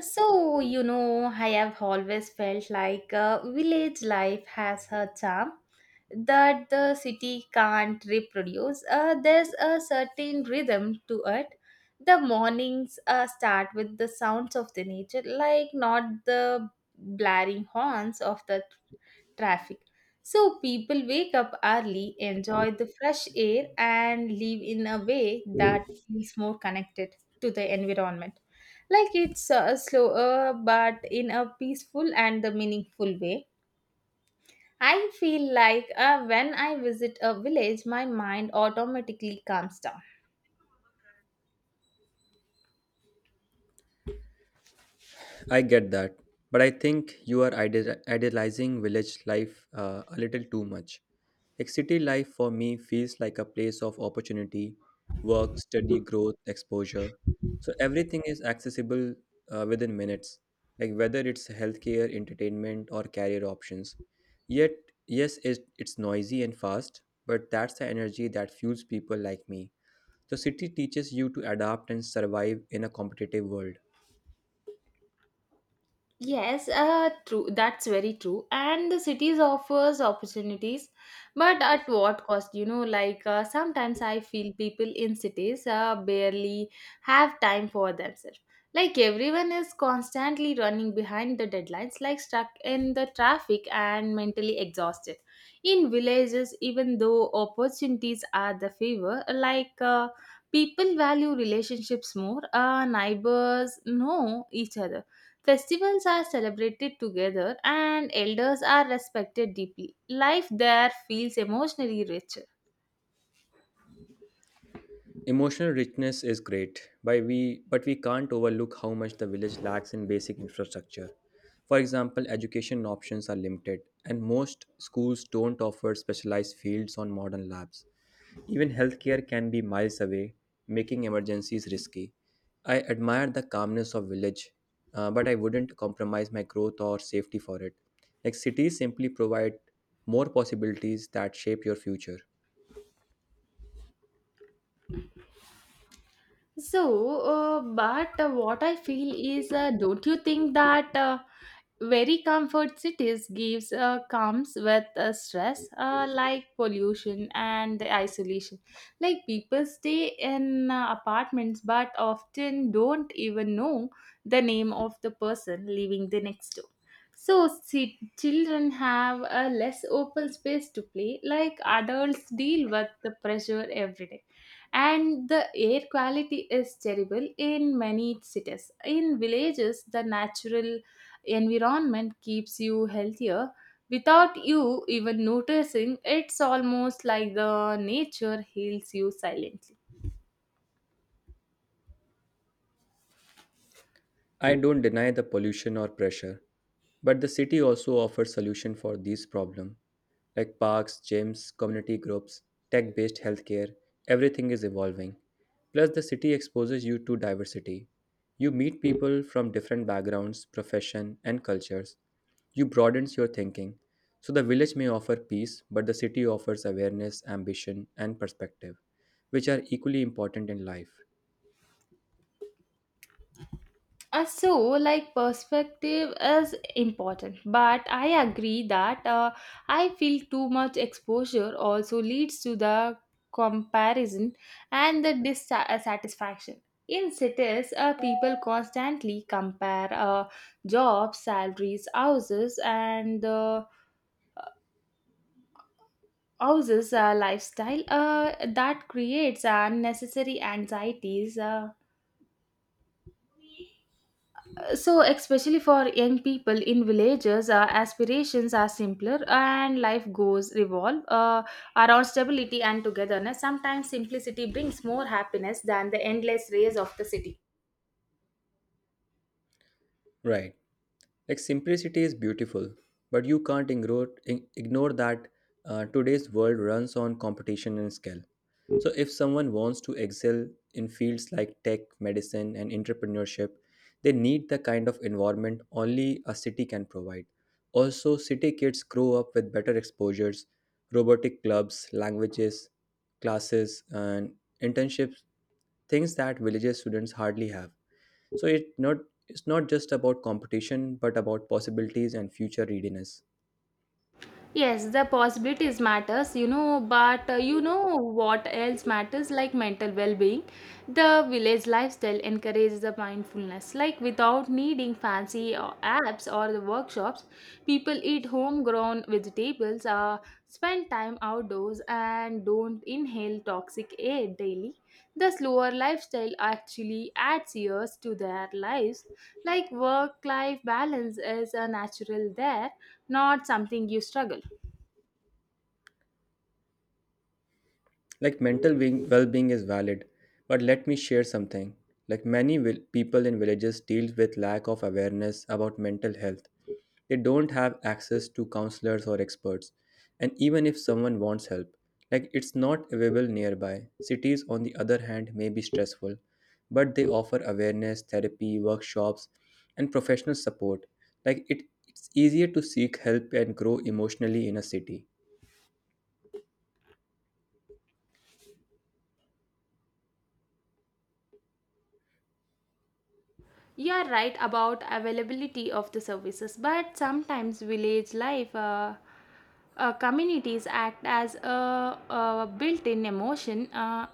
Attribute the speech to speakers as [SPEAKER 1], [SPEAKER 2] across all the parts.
[SPEAKER 1] I have always felt like village life has her charm that the city can't reproduce. There's a certain rhythm to it. The mornings start with the sounds of the nature, like not the blaring horns of the traffic. So people wake up early, enjoy the fresh air, and live in a way that feels more connected to the environment. Like it's slower, but in a peaceful and the meaningful way. I feel like when I visit a village, my mind automatically calms down.
[SPEAKER 2] I get that, but I think you are idealizing village life a little too much. Like city life for me feels like a place of opportunity, work, study, growth, exposure. So everything is accessible within minutes, like whether it's healthcare, entertainment, or career options. Yet, yes, it's noisy and fast, but that's the energy that fuels people like me. So city teaches you to adapt and survive in a competitive world.
[SPEAKER 1] Yes, true. That's very true. And the cities offers opportunities, but at what cost? Sometimes I feel people in cities barely have time for themselves. Like everyone is constantly running behind the deadlines, like stuck in the traffic and mentally exhausted. In villages, even though opportunities are the favor, people value relationships more. Neighbors know each other. Festivals are celebrated together and elders are respected deeply. Life there feels emotionally rich.
[SPEAKER 2] Emotional richness is great, but we can't overlook how much the village lacks in basic infrastructure. For example, education options are limited, and most schools don't offer specialized fields on modern labs. Even healthcare can be miles away, making emergencies risky. I admire the calmness of village, but I wouldn't compromise my growth or safety for it. Like cities simply provide more possibilities that shape your future.
[SPEAKER 1] But what I feel is, don't you think that very comfort cities gives comes with stress, like pollution and the isolation, like people stay in apartments but often don't even know the name of the person living the next door. So see, children have a less open space to play, like adults deal with the pressure every day, and the air quality is terrible in many cities. In villages, the natural environment keeps you healthier without you even noticing. It's almost like the nature heals you silently.
[SPEAKER 2] I don't deny the pollution or pressure, but the city also offers solution for these problems, like parks, gyms, community groups, tech-based healthcare. Everything is evolving. Plus, the city exposes you to diversity. You meet people from different backgrounds, profession, and cultures. You broadens your thinking. So the village may offer peace, but the city offers awareness, ambition, and perspective, which are equally important in life.
[SPEAKER 1] So like perspective is important, but I agree that I feel too much exposure also leads to the comparison and the dissatisfaction. In cities, people constantly compare jobs, salaries, houses, lifestyle, that creates unnecessary anxieties. So, especially for young people in villages, aspirations are simpler and life goals revolve around stability and togetherness. Sometimes simplicity brings more happiness than the endless rays of the city.
[SPEAKER 2] Right. Like simplicity is beautiful, but you can't ignore that today's world runs on competition and skill. So, if someone wants to excel in fields like tech, medicine, and entrepreneurship, they need the kind of environment only a city can provide. Also, city kids grow up with better exposures, robotic clubs, languages, classes, and internships, things that villages students hardly have, so it's not just about competition but about possibilities and future readiness.
[SPEAKER 1] Yes, the possibilities matters, you know, but what else matters like mental well-being. The village lifestyle encourages the mindfulness. Like without needing fancy apps or the workshops, people eat homegrown vegetables, spend time outdoors and don't inhale toxic air daily. The slower lifestyle actually adds years to their lives. Like work-life balance is a natural there, not something you struggle.
[SPEAKER 2] Like well-being is valid, but let me share something. Like people in villages deal with lack of awareness about mental health. They don't have access to counselors or experts. And even if someone wants help, like it's not available nearby. Cities on the other hand may be stressful, but they offer awareness, therapy, workshops and professional support. Like it's easier to seek help and grow emotionally in a city.
[SPEAKER 1] You are right about availability of the services, but sometimes village life, communities act as a built-in emotion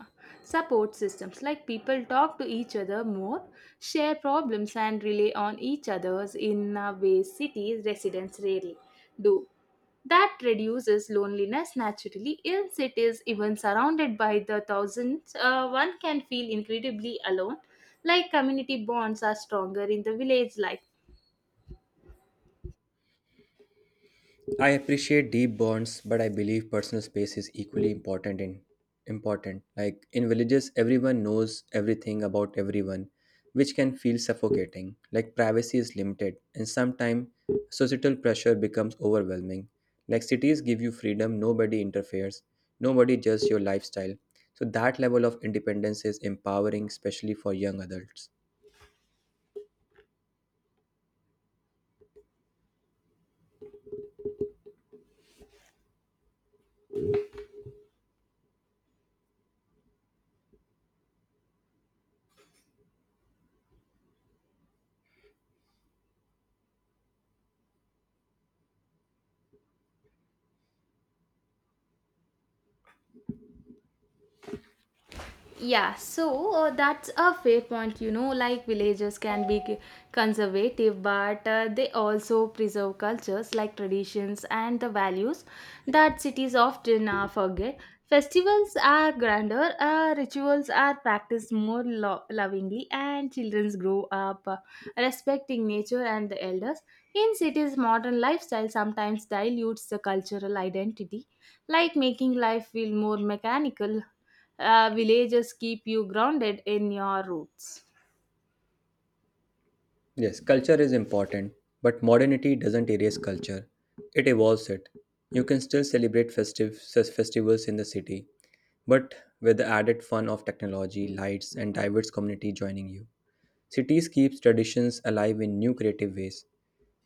[SPEAKER 1] support systems. Like people talk to each other more, share problems, and rely on each others in ways cities residents rarely do. That reduces loneliness naturally. In cities, even surrounded by the thousands, one can feel incredibly alone. Like community bonds are stronger in the village life.
[SPEAKER 2] I appreciate deep bonds, but I believe personal space is equally important. Like in villages, everyone knows everything about everyone, which can feel suffocating. Like privacy is limited, and sometimes societal pressure becomes overwhelming. Like cities give you freedom, nobody interferes, nobody judges your lifestyle. So that level of independence is empowering, especially for young adults.
[SPEAKER 1] Yeah, so that's a fair point. You know, like villagers can be conservative, but they also preserve cultures like traditions and the values that cities often forget. Festivals are grander, rituals are practiced more lovingly, and children grow up respecting nature and the elders. In cities, modern lifestyle sometimes dilutes the cultural identity, like making life feel more mechanical. Villages keep you grounded in your roots.
[SPEAKER 2] Yes, culture is important, but modernity doesn't erase culture. It evolves it. You can still celebrate festivals in the city, but with the added fun of technology, lights, and diverse community joining you. Cities keep traditions alive in new creative ways.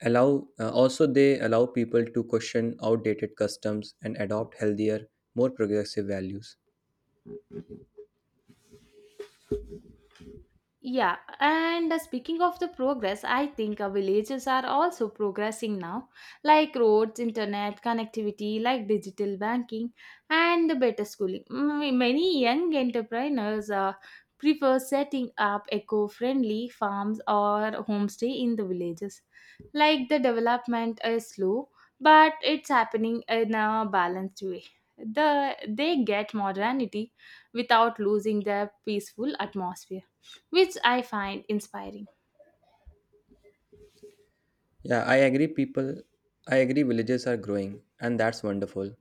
[SPEAKER 2] Allow also they allow people to question outdated customs and adopt healthier, more progressive values.
[SPEAKER 1] Yeah, and speaking of the progress, I think our villages are also progressing now, like roads, internet connectivity, like digital banking, and the better schooling. Many young entrepreneurs prefer setting up eco-friendly farms or homestay in the villages. Like the development is slow, but it's happening in a balanced way. They get modernity without losing their peaceful atmosphere, which I find inspiring.
[SPEAKER 2] Yeah, I agree people I agree villages are growing and that's wonderful.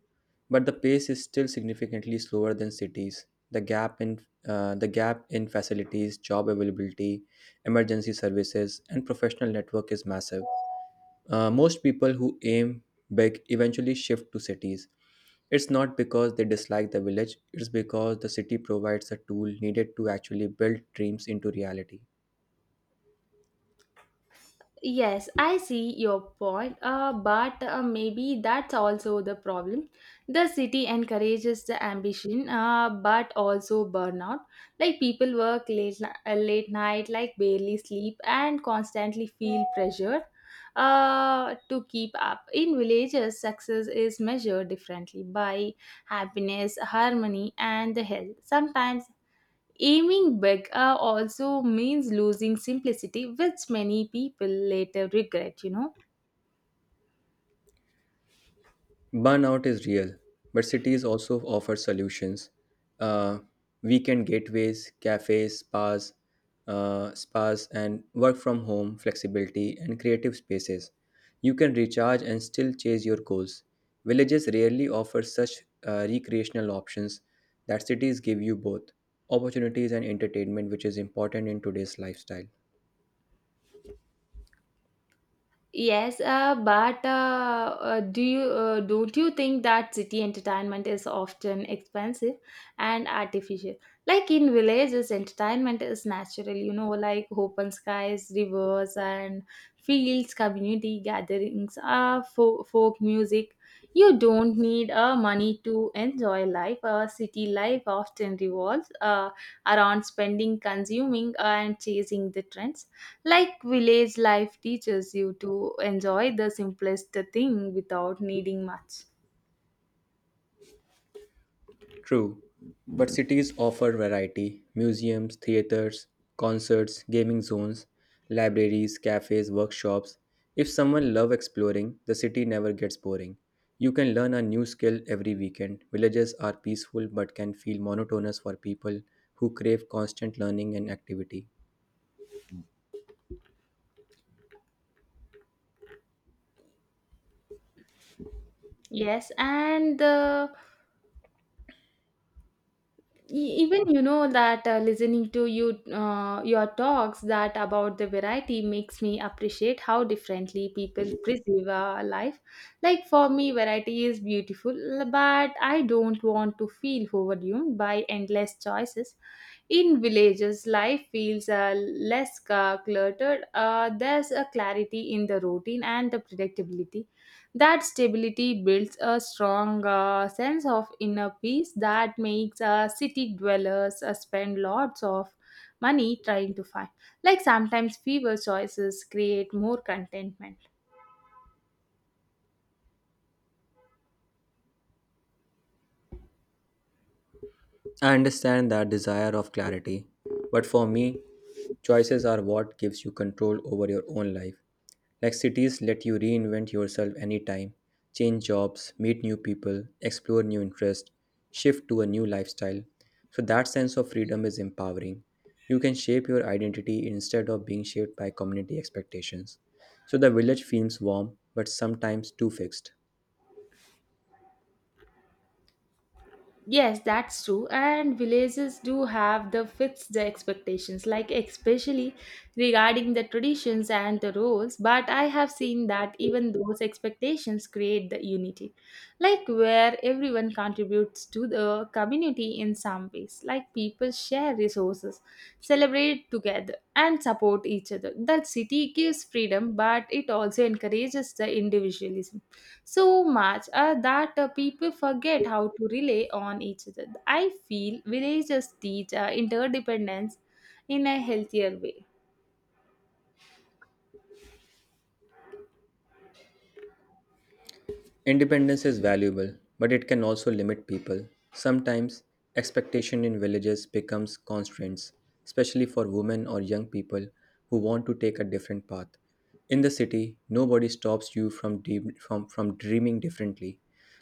[SPEAKER 2] But the pace is still significantly slower than cities. The gap in facilities, job availability, emergency services and professional network is massive. Most people who aim big eventually shift to cities. It's not because they dislike the village, it's because the city provides a tool needed to actually build dreams into reality.
[SPEAKER 1] Yes, I see your point, but maybe that's also the problem. The city encourages the ambition, but also burnout. Like people work late, late night, like barely sleep, and constantly feel pressure to keep up. In villages, success is measured differently by happiness, harmony, and the health. Sometimes aiming big also means losing simplicity, which many people later regret, you know.
[SPEAKER 2] Burnout is real, but cities also offer solutions. Uh, Weekend gateways, cafes, spas, and work from home flexibility and creative spaces. You can recharge and still chase your goals. Villages rarely offer such recreational options, that cities give you both opportunities and entertainment, which is important in today's lifestyle.
[SPEAKER 1] Yes, but do you don't you think that city entertainment is often expensive and artificial? Like in villages, entertainment is natural, you know, like open skies, rivers, and fields, community gatherings, folk music. You don't need money to enjoy life. City life often revolves around spending, consuming, and chasing the trends, like village life teaches you to enjoy the simplest thing without needing much.
[SPEAKER 2] True, but cities offer variety museums, theaters, concerts, gaming zones, libraries, cafes, workshops. If someone loves exploring, the city never gets boring. You can learn a new skill every weekend. Villages are peaceful but can feel monotonous for people who crave constant learning and activity.
[SPEAKER 1] Yes, and the even you know that listening to you, your talks that about the variety, makes me appreciate how differently people perceive life. Like for me variety is beautiful, but I don't want to feel overwhelmed by endless choices. In villages life feels less cluttered. There's a clarity in the routine and the predictability, that stability builds a strong sense of inner peace that makes city dwellers spend lots of money trying to find. Like sometimes fewer choices create more contentment.
[SPEAKER 2] I understand that desire of clarity, but for me, choices are what gives you control over your own life. Like cities let you reinvent yourself anytime, change jobs, meet new people, explore new interests, shift to a new lifestyle. So that sense of freedom is empowering. You can shape your identity instead of being shaped by community expectations. So the village feels warm, but sometimes too fixed.
[SPEAKER 1] Yes, that's true. And villages do have the fixed expectations, like especially regarding the traditions and the roles. But I have seen that even those expectations create the unity, like where everyone contributes to the community in some ways, like people share resources, celebrate together, and support each other. The city gives freedom, but it also encourages the individualism so much that people forget how to rely on each other. I feel villages teach interdependence in a healthier way.
[SPEAKER 2] Independence is valuable, but it can also limit people. Sometimes expectation in villages becomes constraints, especially for women or young people who want to take a different path. In the city, nobody stops you from dreaming differently.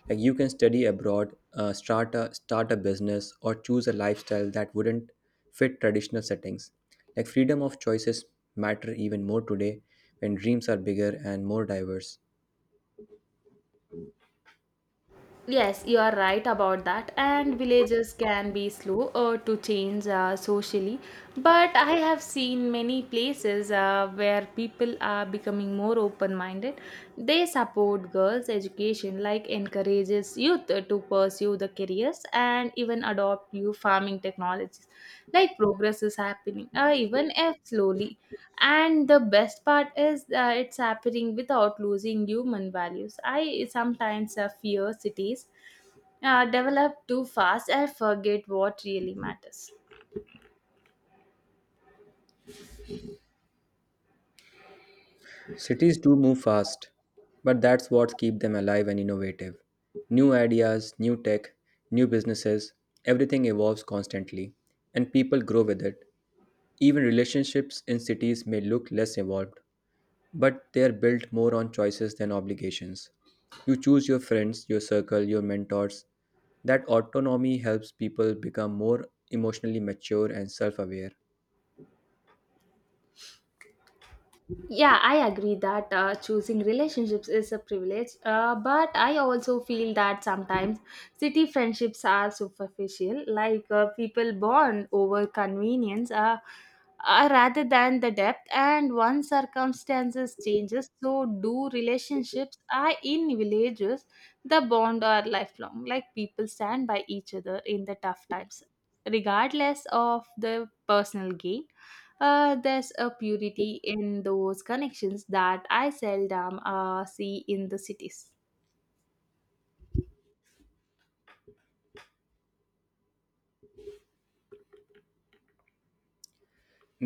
[SPEAKER 2] Like you can study abroad, start a business, or choose a lifestyle that wouldn't fit traditional settings. Like freedom of choices matter even more today when dreams are bigger and more diverse.
[SPEAKER 1] Yes, you are right about that. And villages can be slow to change socially. But I have seen many places where people are becoming more open minded. They support girls' education, like encourages youth to pursue the careers and even adopt new farming technologies. Like progress is happening, even if slowly, and the best part is it's happening without losing human values. I sometimes fear cities develop too fast and forget what really matters.
[SPEAKER 2] Cities do move fast, but that's what keeps them alive and innovative. New ideas, new tech, new businesses, everything evolves constantly, and people grow with it. Even relationships in cities may look less evolved, but they are built more on choices than obligations. You choose your friends, your circle, your mentors. That autonomy helps people become more emotionally mature and self aware.
[SPEAKER 1] Yeah, I agree that choosing relationships is a privilege, but I also feel that sometimes city friendships are superficial, like people bond over convenience rather than the depth. And once circumstances changes, so do relationships. I in villages, the bond are lifelong, like people stand by each other in the tough times, regardless of the personal gain. There's a purity in those connections that I seldom see in the cities.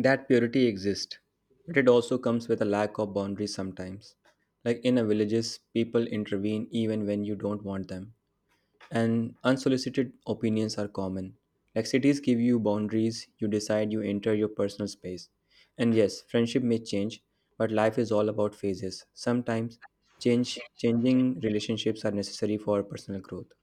[SPEAKER 2] That purity exists, but it also comes with a lack of boundaries sometimes. Like in a villages, people intervene even when you don't want them, and unsolicited opinions are common. Like cities give you boundaries, you decide you enter your personal space. And yes, friendship may change, but life is all about phases. Sometimes change changing relationships are necessary for personal growth.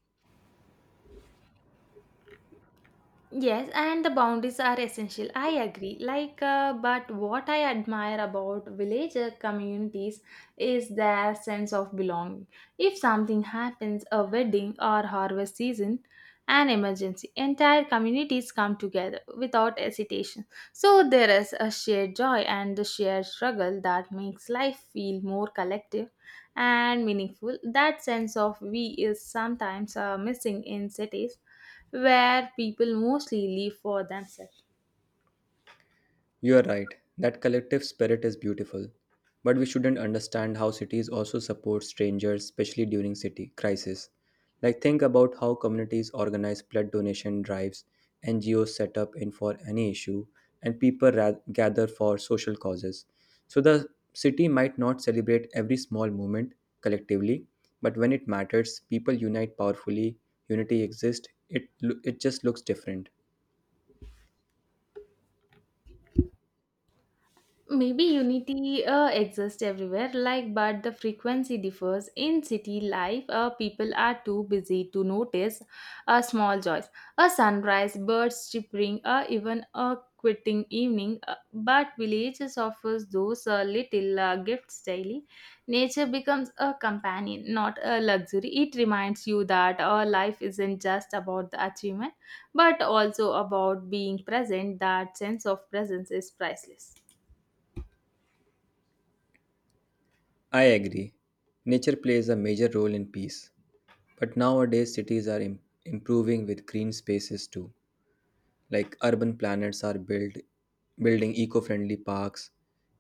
[SPEAKER 1] Yes, and the boundaries are essential. I agree. But what I admire about villager communities is their sense of belonging. If something happens, a wedding or harvest season, an emergency, entire communities come together without hesitation. So there is a shared joy and a shared struggle that makes life feel more collective and meaningful. That sense of we is sometimes missing in cities where people mostly live for themselves.
[SPEAKER 2] You are right, that collective spirit is beautiful. But we shouldn't understand how cities also support strangers, especially during city crisis. Like think about how communities organize blood donation drives, NGOs set up in for any issue, and gather for social causes. So the city might not celebrate every small movement collectively, but when it matters, people unite powerfully. Unity exists. It just looks different.
[SPEAKER 1] Maybe unity exists everywhere, like, but the frequency differs. In city life, people are too busy to notice a small joys, a sunrise, birds chirping, even a quitting evening. But villages offers those little gifts daily. Nature becomes a companion, not a luxury. It reminds you that our life isn't just about the achievement, but also about being present. That sense of presence is priceless.
[SPEAKER 2] I agree. Nature plays a major role in peace, but nowadays cities are improving with green spaces too. Like urban planners are build, building eco-friendly parks,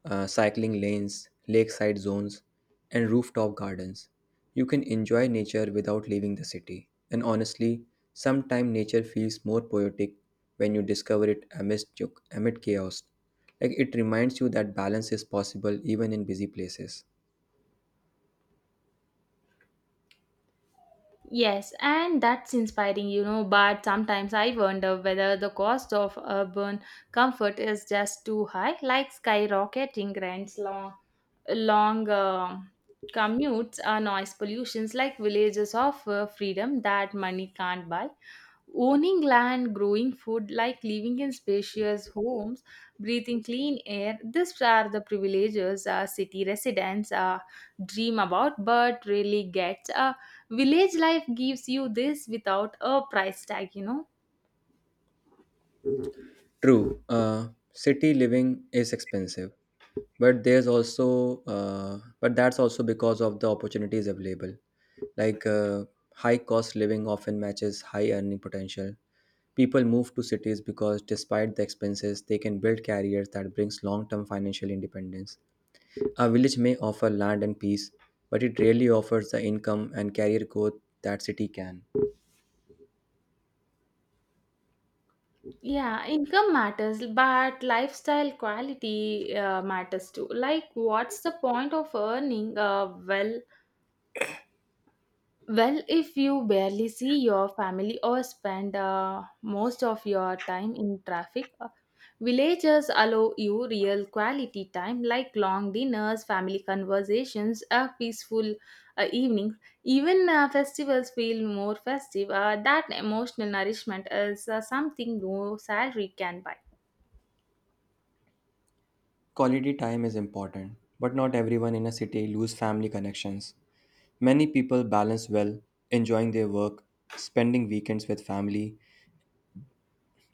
[SPEAKER 2] cycling lanes, lakeside zones, and rooftop gardens. You can enjoy nature without leaving the city. And honestly, sometimes nature feels more poetic when you amid chaos. Like it reminds you that balance is possible even in busy places.
[SPEAKER 1] Yes, and that's inspiring, you know. But sometimes I wonder whether the cost of urban comfort is just too high, like skyrocketing rents, long commutes, or noise pollutions, like villages of freedom that money can't buy. Owning land, growing food, like living in spacious homes, breathing clean air, these are the privileges city residents dream about but really get. Village life gives you this without a price tag, you know.
[SPEAKER 2] True. City living is expensive, but there's also but that's also because of the opportunities available. Like high cost living often matches high earning potential. People move to cities because despite the expenses, they can build careers that brings long-term financial independence. A village may offer land and peace, but it rarely offers the income and career growth that city can.
[SPEAKER 1] Yeah, income matters, but lifestyle quality matters too. Like, what's the point of earning well, if you barely see your family or spend most of your time in traffic? Villages allow you real quality time, like long dinners, family conversations, a peaceful evening. Even festivals feel more festive. That emotional nourishment is something no salary can buy.
[SPEAKER 2] Quality time is important, but not everyone in a city lose family connections. Many people balance well, enjoying their work, spending weekends with family,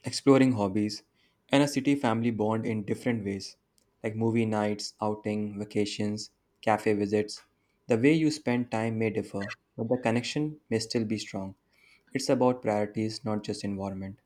[SPEAKER 2] exploring hobbies, and a city family bond in different ways, like movie nights, outing, vacations, cafe visits. The way you spend time may differ, but the connection may still be strong. It's about priorities, not just environment.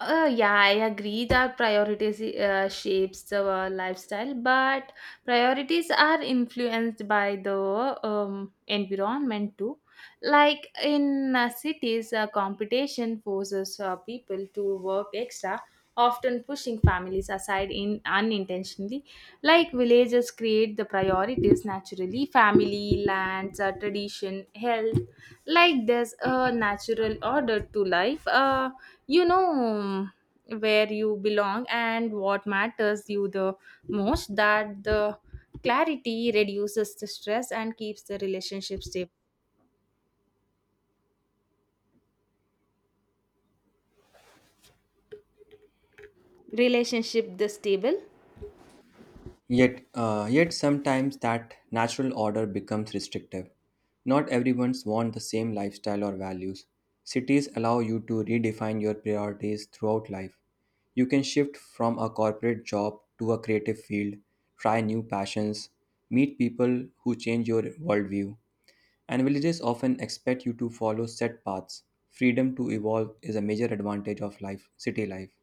[SPEAKER 1] Yeah, I agree that priorities shapes the lifestyle, but priorities are influenced by the environment too. Like in cities, competition forces people to work extra, often pushing families aside in unintentionally. Like villages create the priorities naturally: family, lands, tradition, health. Like there's a natural order to life. You know where you belong and what matters you the most. That the clarity reduces the stress and keeps the relationship stable relationship the stable
[SPEAKER 2] Yet sometimes that natural order becomes restrictive. Not everyone's want the same lifestyle or values. Cities allow you to redefine your priorities throughout life. You can shift from a corporate job to a creative field, try new passions, meet people who change your worldview. And villages often expect you to follow set paths. Freedom to evolve is a major advantage of city life.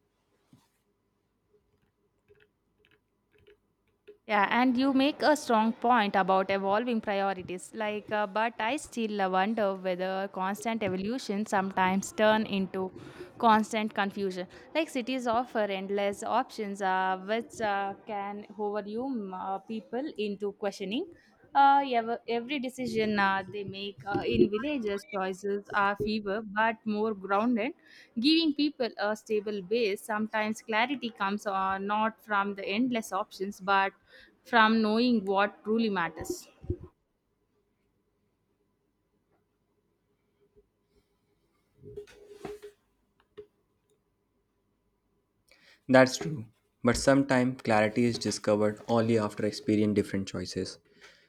[SPEAKER 1] Yeah, and you make a strong point about evolving priorities, like, but I still wonder whether constant evolution sometimes turn into constant confusion. Like cities offer endless options, which can overwhelm people into questioning every decision they make. In villages, choices are fewer but more grounded, giving people a stable base. Sometimes clarity comes, not from the endless options but from knowing what truly matters.
[SPEAKER 2] That's true. But sometimes clarity is discovered only after experiencing different choices.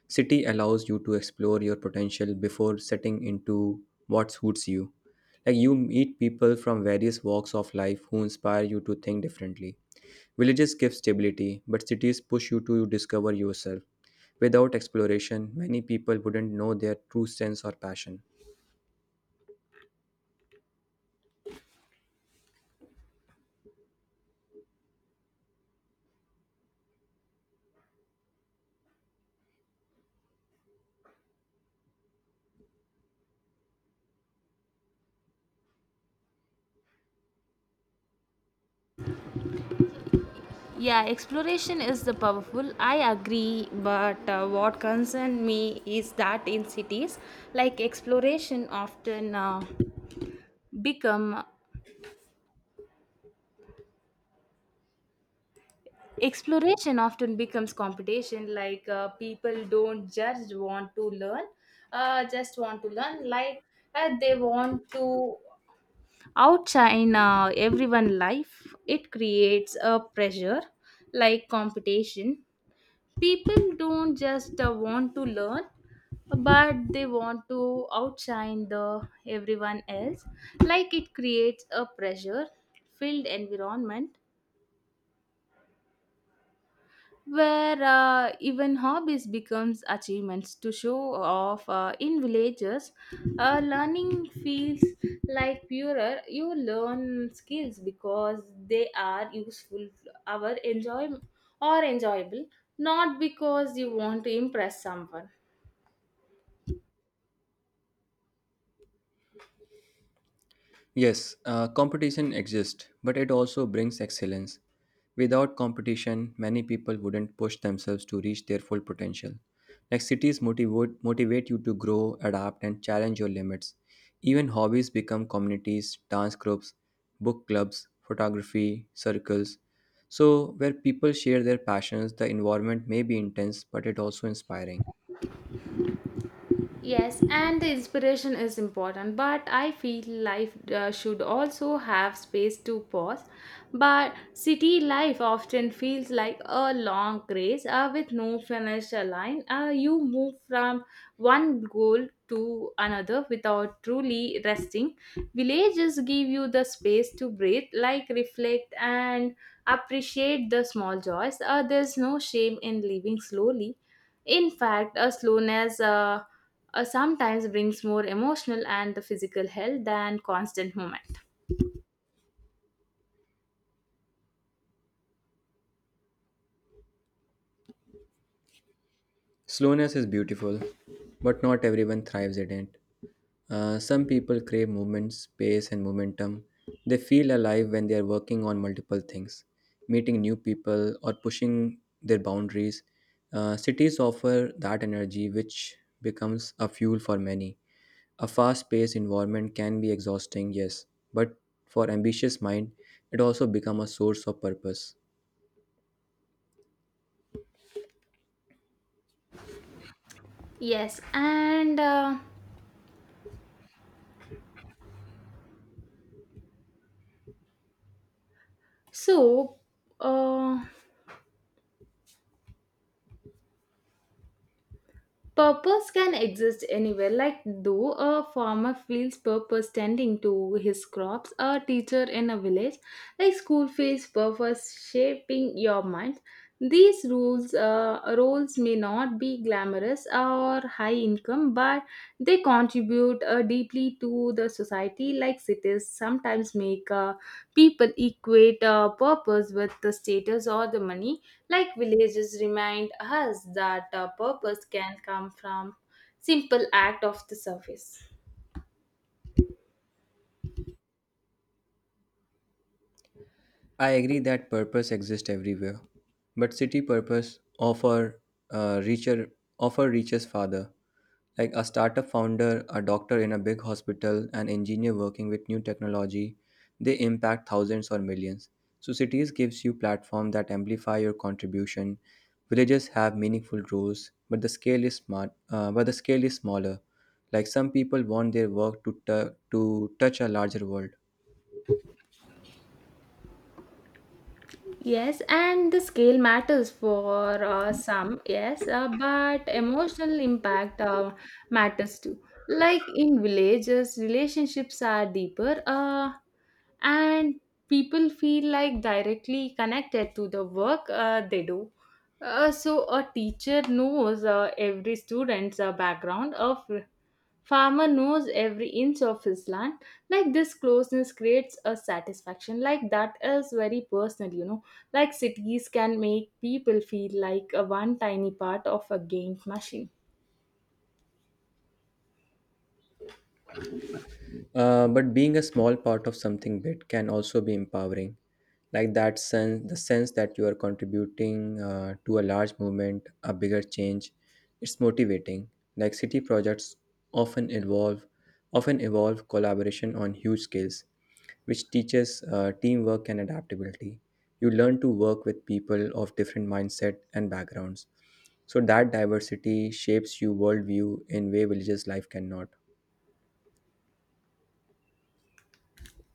[SPEAKER 2] City allows you to explore your potential before setting into what suits you. Like you meet people from various walks of life who inspire you to think differently. Villages give stability, but cities push you to discover yourself. Without exploration, many people wouldn't know their true sense or passion.
[SPEAKER 1] Yeah, exploration is the powerful. I agree, but what concerns me is that in cities, like, become exploration often becomes competition. Like, people don't just want to learn, uh, just want to learn like they want to outshine everyone. Life It creates a pressure, like competition. People don't just want to learn, but they want to outshine the everyone else. Like it creates a pressure filled environment where, even hobbies becomes achievements to show off. In villages, learning feels like purer. You learn skills because they are useful our enjoy or enjoyable, not because you want to impress someone.
[SPEAKER 2] Yes, competition exists, but it also brings excellence. Without competition, many people wouldn't push themselves to reach their full potential. Like cities motivate you to grow, adapt, and challenge your limits. Even hobbies become communities, dance groups, book clubs, photography, circles. So, where people share their passions, the environment may be intense, but it also inspiring.
[SPEAKER 1] Yes, and the inspiration is important, but I feel life should also have space to pause. But city life often feels like a long race with no finish line. You move from one goal to another without truly resting. Villages give you the space to breathe, like reflect and appreciate the small joys. There's no shame in living slowly. In fact, a slowness, sometimes brings more emotional and physical health than constant movement.
[SPEAKER 2] Slowness is beautiful, but not everyone thrives in it. Some people crave movement, space, and momentum. They feel alive when they are working on multiple things, meeting new people, or pushing their boundaries. Cities offer that energy, which becomes a fuel for many. A fast paced environment can be exhausting, yes, but for ambitious mind, it also becomes a source of purpose.
[SPEAKER 1] Yes. And uh, so uh, purpose can exist anywhere. Like, though a farmer feels purpose tending to his crops, a teacher in a village, like school, feels purpose shaping your mind. These roles may not be glamorous or high income, but they contribute deeply to the society. Like cities sometimes make people equate purpose with the status or the money, like villages remind us that our purpose can come from simple act of the service.
[SPEAKER 2] I agree that purpose exists everywhere, but city purpose offer uh, reacher offer reaches farther. Like a startup founder, a doctor in a big hospital, an engineer working with new technology, they impact thousands or millions. So cities gives you platform that amplify your contribution. Villages have meaningful roles, but the scale is smaller. Like some people want their work to to touch a larger world.
[SPEAKER 1] Yes, and the scale matters for some, yes, but emotional impact matters too. Like in villages, relationships are deeper, and people feel like directly connected to the work they do. So a teacher knows every student's background of farmer knows every inch of his land. Like this closeness creates a satisfaction. Like that is very personal, you know. Like cities can make people feel like a one tiny part of a gained machine.
[SPEAKER 2] But being a small part of something big can also be empowering. Like that sense, the sense that you are contributing to a large movement, a bigger change, it's motivating. Like city projects often involve, often evolve collaboration on huge scales, which teaches teamwork and adaptability. You learn to work with people of different mindset and backgrounds. So that diversity shapes your worldview in way villages life cannot.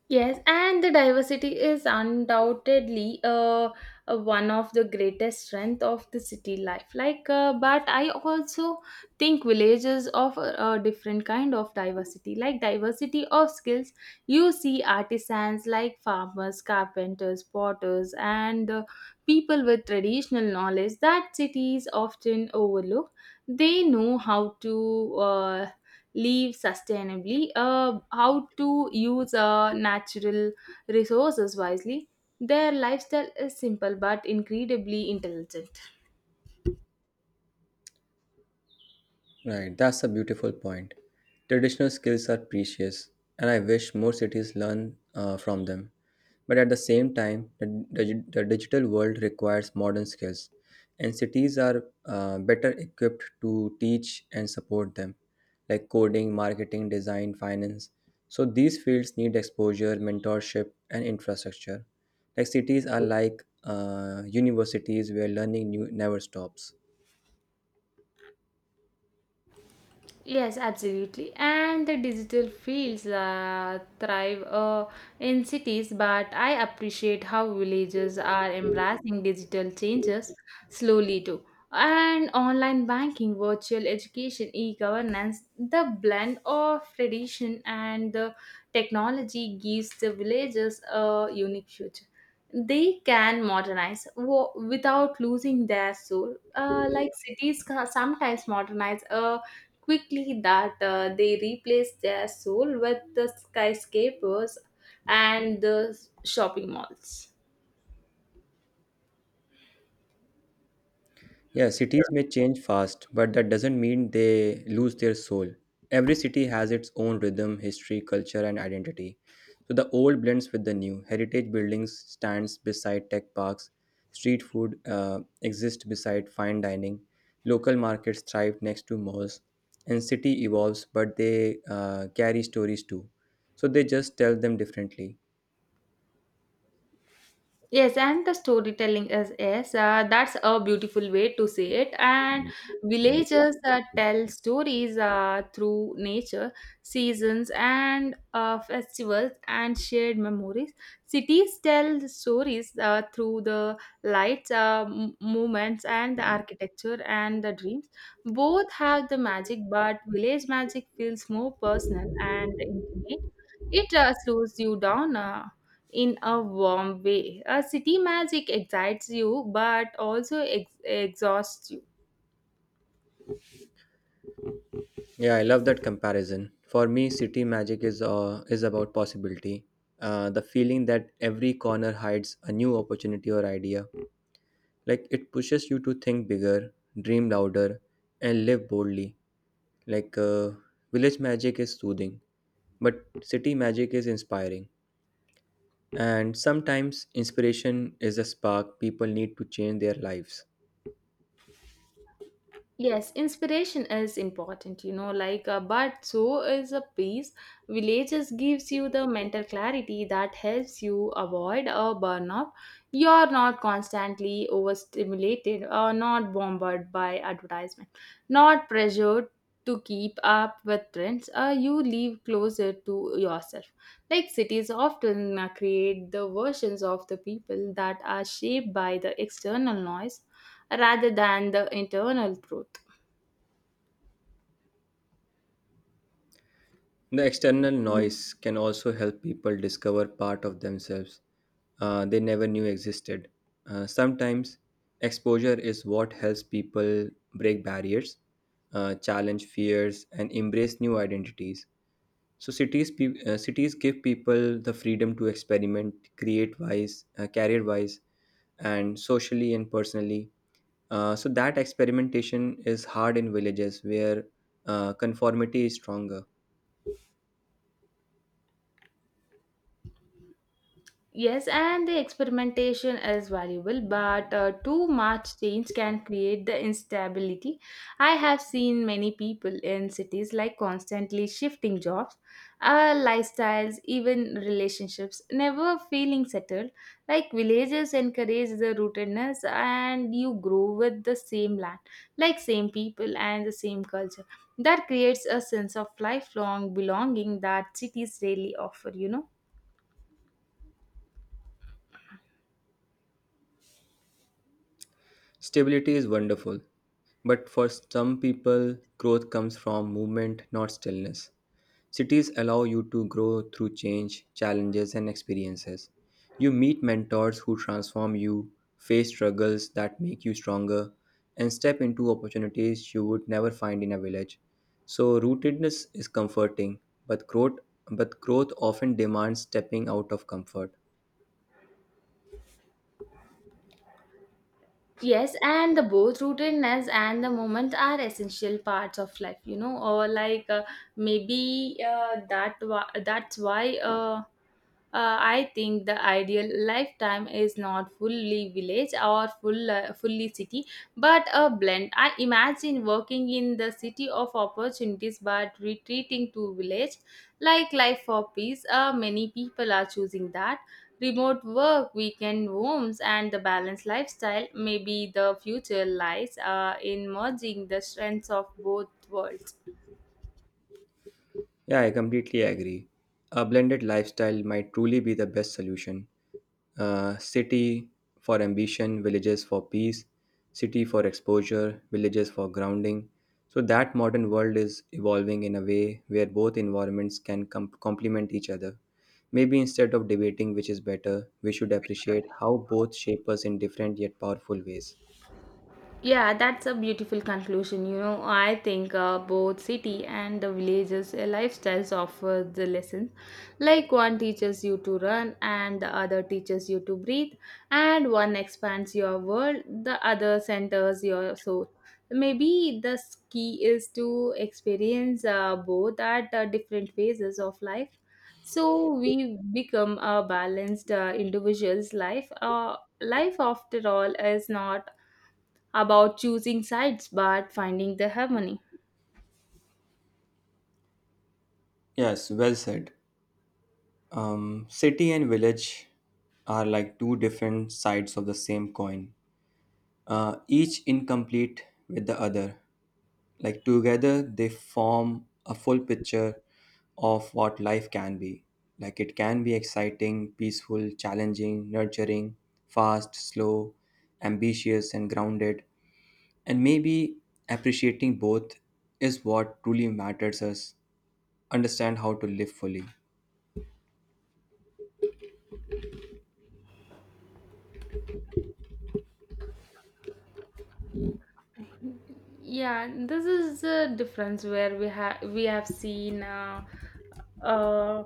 [SPEAKER 1] Yes, and the diversity is undoubtedly, one of the greatest strength of the city life. Like, but I also think villages offer a different kind of diversity, like diversity of skills. You see artisans like farmers, carpenters, potters, and, people with traditional knowledge that cities often overlook. They know how to live sustainably, how to use natural resources wisely. Their lifestyle is simple but incredibly intelligent.
[SPEAKER 2] Right, that's a beautiful point. Traditional skills are precious, and I wish more cities learn from them. But at the same time, the digital world requires modern skills, and cities are better equipped to teach and support them, like coding, marketing, design, finance. So these fields need exposure, mentorship, and infrastructure. Like cities are like universities where learning new never stops.
[SPEAKER 1] Yes, absolutely. And the digital fields thrive in cities, but I appreciate how villages are embracing digital changes slowly too. And online banking, virtual education, e governance, the blend of tradition and the technology gives the villages a unique future. They can without losing their soul. Like cities sometimes modernize quickly that they replace their soul with the skyscrapers and the shopping malls.
[SPEAKER 2] Yeah, cities may change fast, but that doesn't mean they lose their soul. Every city has its own rhythm, history, culture, and identity. So the old blends with the new. Heritage buildings stands beside tech parks. Street food exists beside fine dining. Local markets thrive next to malls. And city evolves, but they carry stories too. So they just tell them differently.
[SPEAKER 1] Yes, and the storytelling is, yes, that's a beautiful way to say it. And villagers tell stories through nature, seasons, and festivals and shared memories. Cities tell stories through the lights, movements, and the architecture and the dreams. Both have the magic, but village magic feels more personal and intimate. It slows you down, in a warm way. A city magic excites you but also exhausts you.
[SPEAKER 2] Yeah, I love that comparison. For me, city magic is about possibility. The feeling that every corner hides a new opportunity or idea. Like it pushes you to think bigger, dream louder, and live boldly. Like uh, Village magic is soothing, but city magic is inspiring. And sometimes inspiration is a spark people need to change their lives.
[SPEAKER 1] Yes, inspiration is important, you know, like, but so is a peace. Villages gives you the mental clarity that helps you avoid a burnout. You're not constantly overstimulated or not bombarded by advertisement, not pressured to keep up with trends. You live closer to yourself. Like cities often create the versions of the people that are shaped by the external noise rather than the internal truth.
[SPEAKER 2] The external noise can also help people discover part of themselves they never knew existed. Sometimes exposure is what helps people break barriers, challenge fears, and embrace new identities. So cities give people the freedom to experiment, create wise, career wise, and socially and personally. So that experimentation is hard in villages where conformity is stronger.
[SPEAKER 1] Yes, and the experimentation is valuable, but too much change can create the instability. I have seen many people in cities like constantly shifting jobs, lifestyles, even relationships, never feeling settled. Like villages encourage the rootedness, and you grow with the same land, like same people and the same culture. That creates a sense of lifelong belonging that cities rarely offer, you know.
[SPEAKER 2] Stability is wonderful, but for some people, growth comes from movement, not stillness. Cities allow you to grow through change, challenges, and experiences. You meet mentors who transform you, face struggles that make you stronger, and step into opportunities you would never find in a village. So rootedness is comforting, but growth but growth often demands stepping out of comfort.
[SPEAKER 1] Yes, and the both rootedness and the moment are essential parts of life, you know, or like, that's why, I think the ideal lifetime is not fully village or fully city, but a blend. I imagine working in the city of opportunities but retreating to village, like life for peace. Many people are choosing that. Remote work, weekend homes, and the balanced lifestyle, maybe the future lies in merging the strengths of both worlds.
[SPEAKER 2] Yeah, I completely agree. A blended lifestyle might truly be the best solution. City for ambition, villages for peace, city for exposure, villages for grounding. So that modern world is evolving in a way where both environments can complement each other. Maybe instead of debating which is better, we should appreciate how both shape us in different yet powerful ways.
[SPEAKER 1] Yeah, that's a beautiful conclusion. You know, I think, both city and the villages' lifestyles offer the lessons. Like one teaches you to run, and the other teaches you to breathe, and one expands your world, the other centers your soul. Maybe the key is to experience both at different phases of life, so we become a balanced individual's life. Life, after all, is not about choosing sides but finding the harmony.
[SPEAKER 2] Yes, well said. City and village are like two different sides of the same coin, each incomplete with the other. Like together, they form a full picture of what life can be. Like it can be exciting, peaceful, challenging, nurturing, fast, slow, ambitious, and grounded. And maybe appreciating both is what truly matters us understand how to live fully.
[SPEAKER 1] Yeah, this is the difference where we have seen, uh,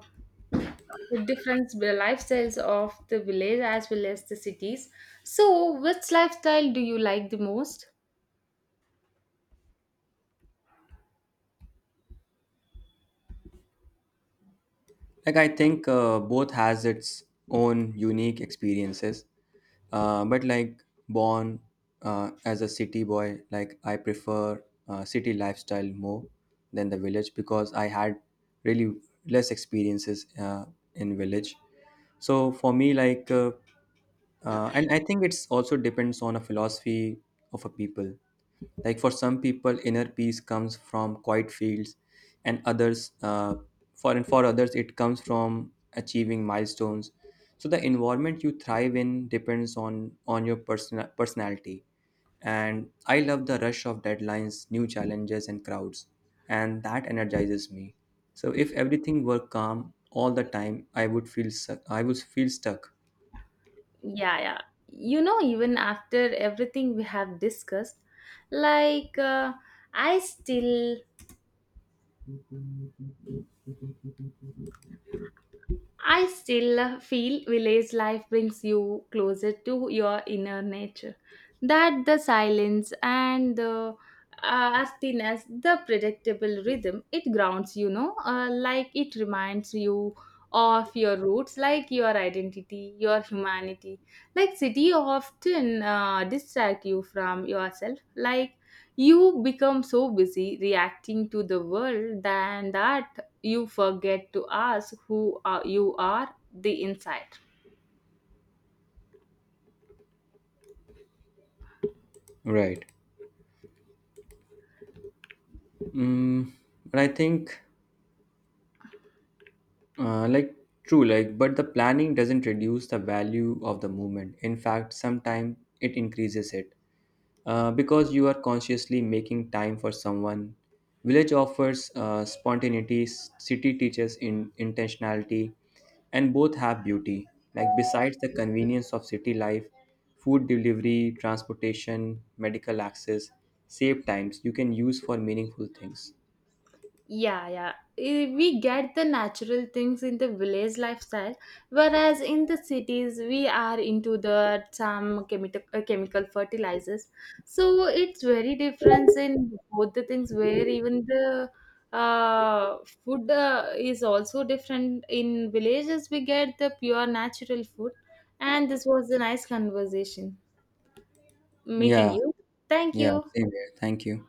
[SPEAKER 1] the difference the lifestyles of the village as well as the cities. So, which lifestyle do you like the most?
[SPEAKER 2] Like I think both has its own unique experiences. But like born as a city boy, like I prefer city lifestyle more than the village because I had really less experiences in village. So for me, and I think it's also depends on a philosophy of a people. Like for some people, inner peace comes from quiet fields, and others for and for others it comes from achieving milestones, so the environment you thrive in depends on your personality, and I love the rush of deadlines, new challenges, and crowds, and that energizes me. So if everything were calm all the time, I would feel I would feel stuck.
[SPEAKER 1] Yeah, yeah. You know, even after everything we have discussed, like, I still I still feel village life brings you closer to your inner nature. That The silence and the earthiness, the predictable rhythm, it grounds you know, like it reminds you of your roots, like your identity, your humanity. Like city often distract you from yourself. Like you become so busy reacting to the world than that you forget to ask who are, you are the inside.
[SPEAKER 2] Right. Mm, but i think Uh, like True, but the planning doesn't reduce the value of the movement. In fact, sometimes it increases it because you are consciously making time for someone. Village offers spontaneity, city teaches in intentionality, and both have beauty. Like besides the convenience of city life, food delivery, transportation, medical access, save times you can use for meaningful things.
[SPEAKER 1] Yeah, yeah. Eh, we get the natural things in the village lifestyle, whereas in the cities we are into the some chemical fertilizers. So it's very difference in both the things, where even the uh, food is also different. In villages we get the pure natural food. And this was a nice conversation meeting
[SPEAKER 2] Yeah,
[SPEAKER 1] you. Thank
[SPEAKER 2] yeah,
[SPEAKER 1] you.
[SPEAKER 2] same here. Thank you.